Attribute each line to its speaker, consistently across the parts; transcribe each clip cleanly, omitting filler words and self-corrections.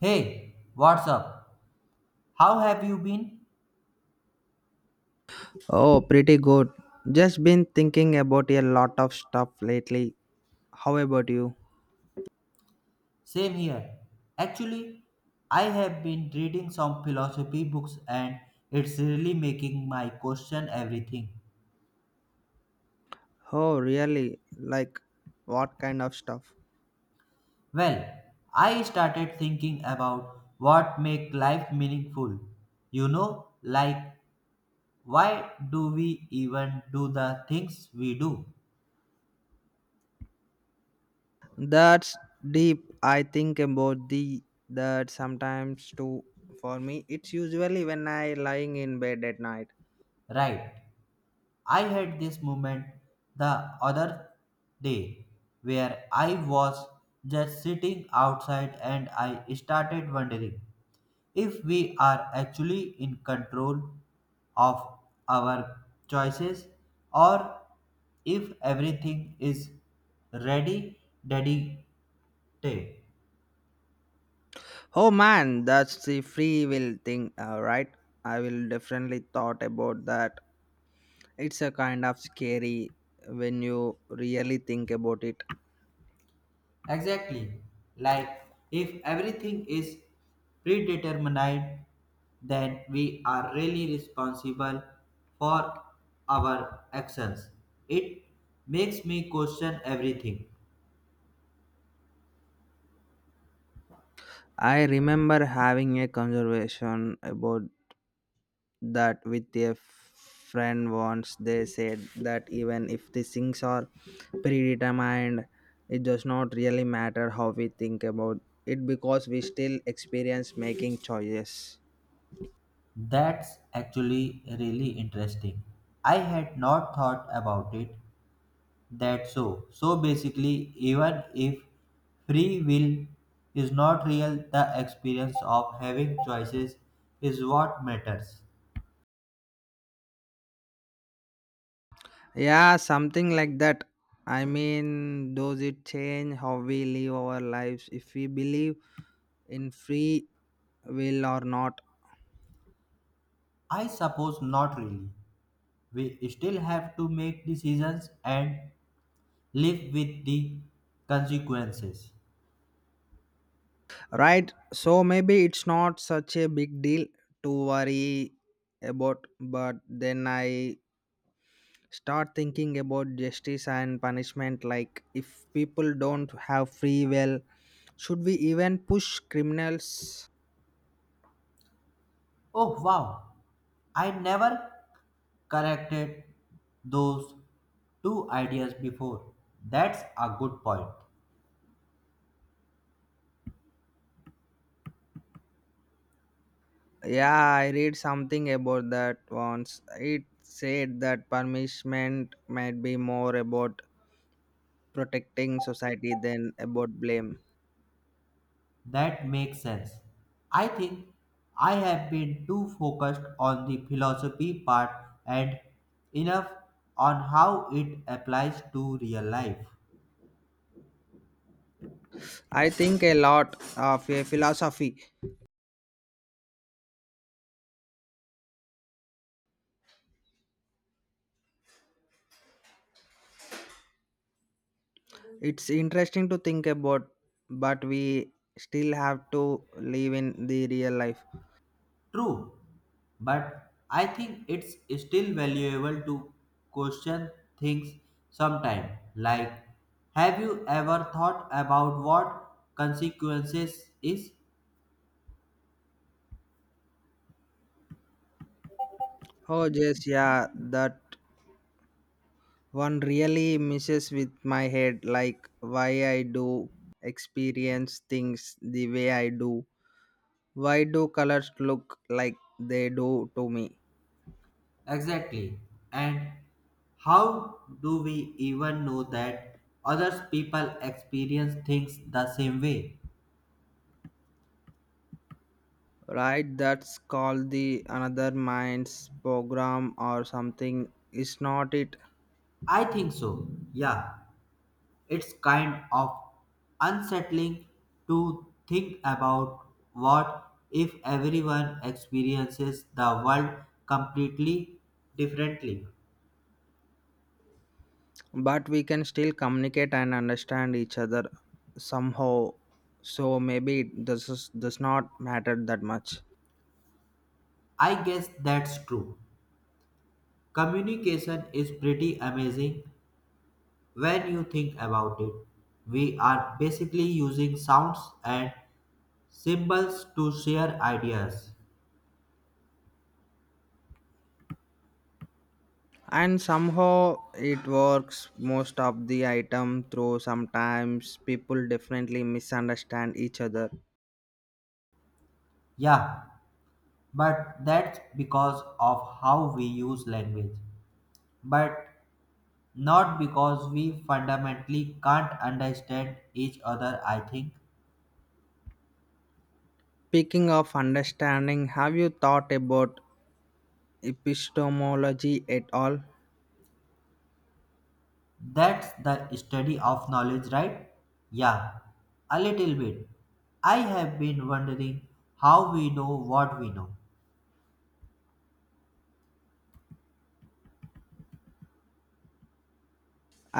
Speaker 1: Hey, what's up? How have you been?
Speaker 2: Oh, pretty good. Just been thinking about a lot of stuff lately. How about you?
Speaker 1: Same here. Actually, I have been reading some philosophy books and it's really making my question everything.
Speaker 2: Oh, really? Like, what kind of stuff?
Speaker 1: Well, I started thinking about what make life meaningful. You know, like why do we even do the things we do?
Speaker 2: That's deep. I think about the that sometimes too. For me, it's usually when I lying in bed at night.
Speaker 1: Right. I had this moment the other day where I was just sitting outside and I started wondering if we are actually in control of our choices or if everything is ready daddy day.
Speaker 2: Oh man, that's the free will thing, right? I will definitely thought about that. It's a kind of scary when you really think about it.
Speaker 1: Exactly. Like if everything is predetermined, then we are really responsible for our actions. It makes me question everything.
Speaker 2: I remember having a conversation about that with a friend once. They said that even if the things are predetermined, it does not really matter how we think about it because we still experience making choices.
Speaker 1: That's actually really interesting. I had not thought about it that so. So basically, even if free will is not real, the experience of having choices is what matters.
Speaker 2: Yeah, something like that. I mean, does it change how we live our lives if we believe in free will or not?
Speaker 1: I suppose not really. We still have to make decisions and live with the consequences.
Speaker 2: Right. So maybe it's not such a big deal to worry about, but then I start thinking about justice and punishment, like if people don't have free will should we even push criminals.
Speaker 1: Oh wow, I never corrected those two ideas before. That's a good point.
Speaker 2: Yeah, I read something about that once. It said that punishment might be more about protecting society than about blame.
Speaker 1: That makes sense. I think I have been too focused on the philosophy part and enough on how it applies to real life.
Speaker 2: I think a lot of a philosophy, it's interesting to think about, but we still have to live in the real life.
Speaker 1: True, but I think it's still valuable to question things sometime. Like, have you ever thought about what consequences is
Speaker 2: Oh, just yeah, that one really messes with my head, like why I do experience things the way I do. Why do colors look like they do to me?
Speaker 1: exactly and how do we even know that others people experience things the same way?
Speaker 2: Right, that's called the another mind's program or something. Is not it?
Speaker 1: I think so. Yeah. It's kind of unsettling to think about what if everyone experiences the world completely differently.
Speaker 2: But we can still communicate and understand each other somehow, so maybe it does not matter that much.
Speaker 1: I guess that's true. Communication is pretty amazing when you think about it. We are basically using sounds and symbols to share ideas.
Speaker 2: And somehow it works most of the item through. Sometimes people definitely misunderstand each other.
Speaker 1: Yeah, but that's because of how we use language. But not because we fundamentally can't understand each other, I think.
Speaker 2: Speaking of understanding, have you thought about epistemology at all?
Speaker 1: That's the study of knowledge, right? Yeah, a little bit. I have been wondering how we know what we know.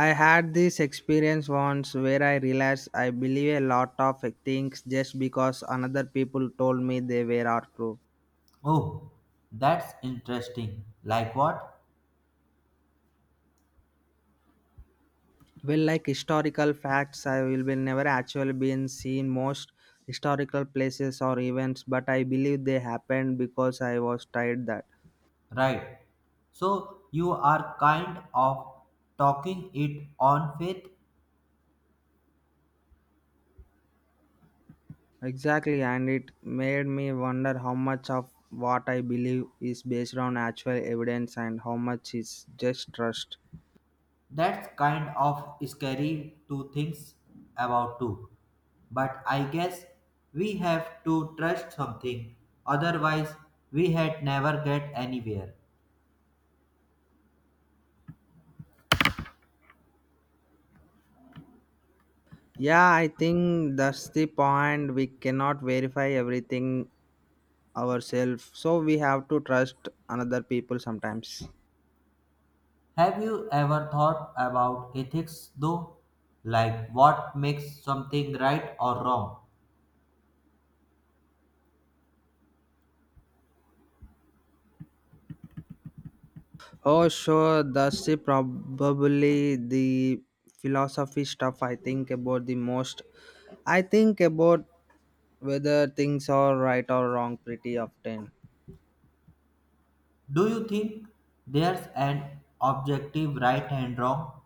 Speaker 2: I had this experience once where I realized I believe a lot of things just because another people told me they were are true.
Speaker 1: Oh, that's interesting. Like what?
Speaker 2: Well, like historical facts, I will be never actually been seen most historical places or events, but I believe they happened because I was tired that.
Speaker 1: Right. So you are kind of talking it on faith?
Speaker 2: Exactly, and it made me wonder how much of what I believe is based on actual evidence and how much is just trust.
Speaker 1: That's kind of scary to think about too. But I guess we have to trust something, otherwise, we had never get anywhere.
Speaker 2: Yeah, I think that's the point. We cannot verify everything ourselves, so we have to trust another people sometimes.
Speaker 1: Have you ever thought about ethics though? Like what makes something right or wrong?
Speaker 2: Oh, sure. Probably the philosophy stuff I think about the most. I think about whether things are right or wrong pretty often.
Speaker 1: Do you think there's an objective right and wrong?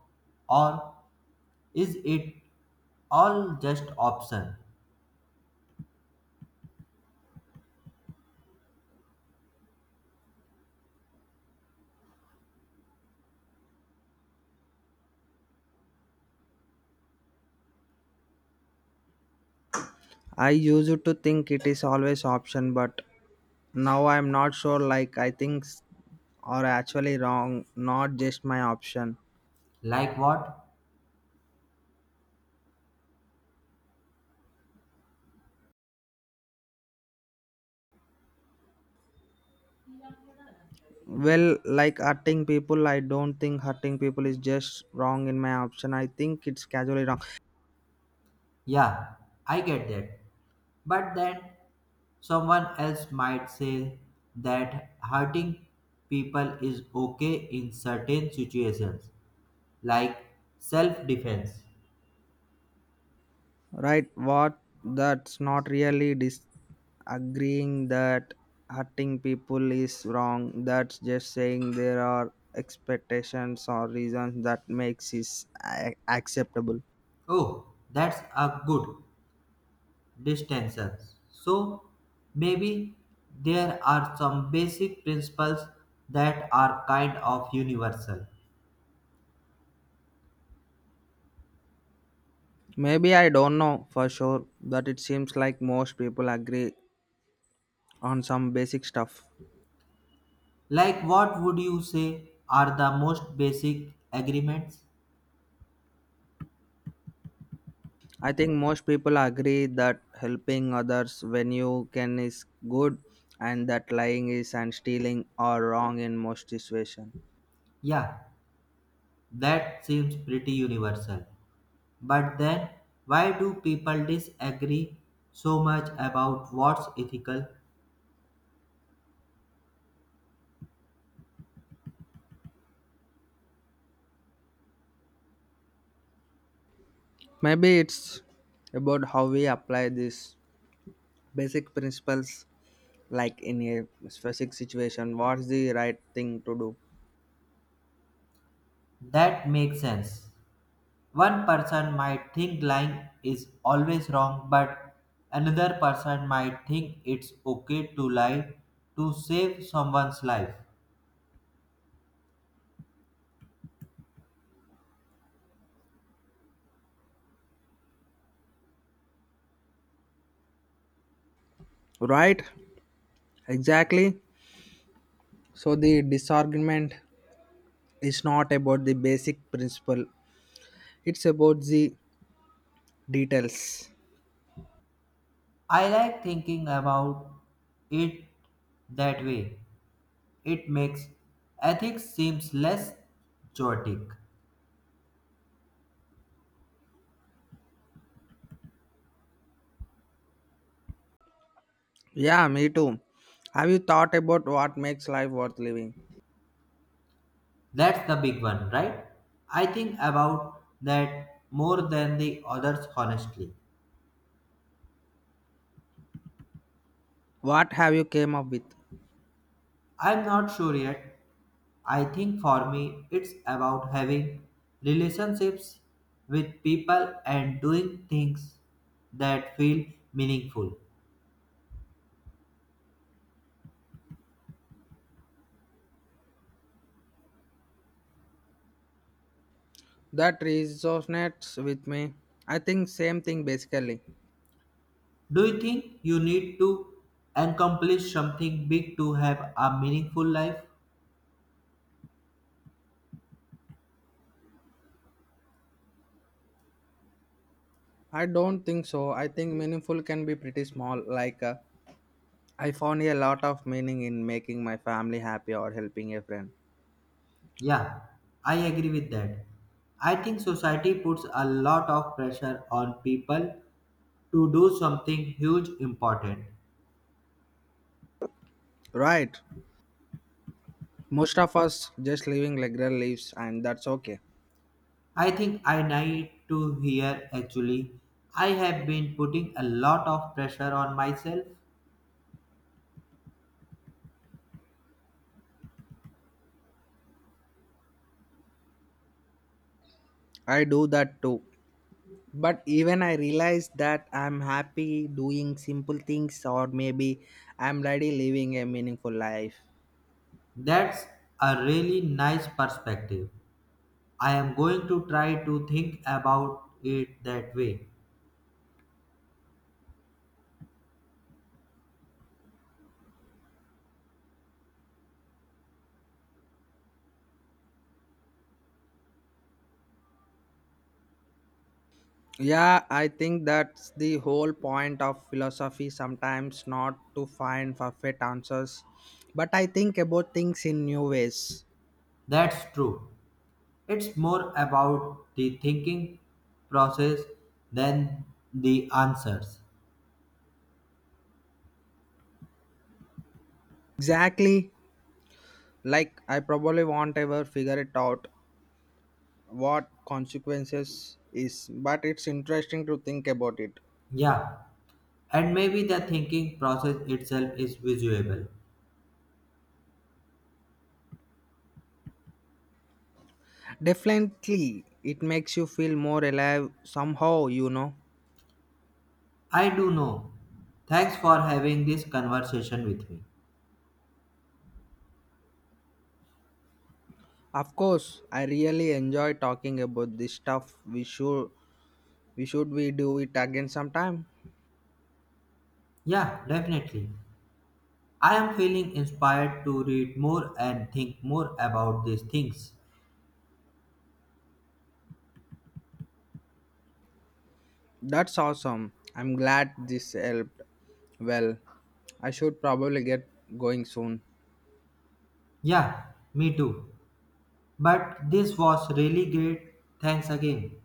Speaker 1: Or is it all just option?
Speaker 2: I used to think it is always option, but now I'm not sure. Like I think are actually wrong, not just my option.
Speaker 1: Like what?
Speaker 2: Well, like hurting people, I don't think hurting people is just wrong in my option. I think it's casually wrong.
Speaker 1: Yeah, I get that. But then someone else might say that hurting people is okay in certain situations, like self defense.
Speaker 2: Right? What? That's not really dis agreeing that hurting people is wrong. That's just saying there are expectations or reasons that makes it acceptable.
Speaker 1: Oh, that's a good distinction. So maybe there are some basic principles that are kind of universal.
Speaker 2: Maybe, I don't know for sure, but it seems like most people agree on some basic stuff.
Speaker 1: Like, what would you say are the most basic agreements?
Speaker 2: I think most people agree that helping others when you can is good, and that lying is and stealing are wrong in most situations.
Speaker 1: Yeah, that seems pretty universal. But then, why do people disagree so much about what's ethical?
Speaker 2: Maybe it's about how we apply these basic principles, like in a specific situation what's the right thing to do.
Speaker 1: That makes sense. One person might think lying is always wrong, but another person might think it's okay to lie to save someone's life.
Speaker 2: Right, exactly. So the disagreement is not about the basic principle, it's about the details.
Speaker 1: I like thinking about it that way. It makes ethics seems less chaotic.
Speaker 2: Yeah, me too. Have you thought about what makes life worth living?
Speaker 1: That's the big one, right? I think about that more than the others, honestly.
Speaker 2: What have you came up with?
Speaker 1: I'm not sure yet. I think for me, it's about having relationships with people and doing things that feel meaningful.
Speaker 2: That resonates with me. I think same thing basically.
Speaker 1: Do you think you need to accomplish something big to have a meaningful life?
Speaker 2: I don't think so. I think meaningful can be pretty small, like I found a lot of meaning in making my family happy or helping a friend.
Speaker 1: Yeah, I agree with that. I think society puts a lot of pressure on people to do something huge important.
Speaker 2: Right. Most of us just living regular lives, and that's okay.
Speaker 1: I think I need to hear actually. I have been putting a lot of pressure on myself.
Speaker 2: I do that too. But even I realize that I'm happy doing simple things, or maybe I'm already living a meaningful life.
Speaker 1: That's a really nice perspective. I am going to try to think about it that way.
Speaker 2: Yeah, I think that's the whole point of philosophy sometimes, not to find perfect answers, but I think about things in new ways.
Speaker 1: That's true. It's more about the thinking process than the answers.
Speaker 2: Exactly. Like I probably won't ever figure it out what consequences is, but it's interesting to think about it.
Speaker 1: Yeah, and maybe the thinking process itself is visual.
Speaker 2: Definitely. It makes you feel more alive somehow, you know.
Speaker 1: I do know. Thanks for having this conversation with me.
Speaker 2: Of course, I really enjoy talking about this stuff. We should we do it again sometime.
Speaker 1: Yeah, definitely. I am feeling inspired to read more and think more about these things.
Speaker 2: That's awesome, I'm glad this helped. Well, I should probably get going soon.
Speaker 1: Yeah, me too. But this was really great. Thanks again.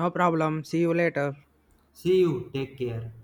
Speaker 2: No problem, see you later.
Speaker 1: See you. Take care.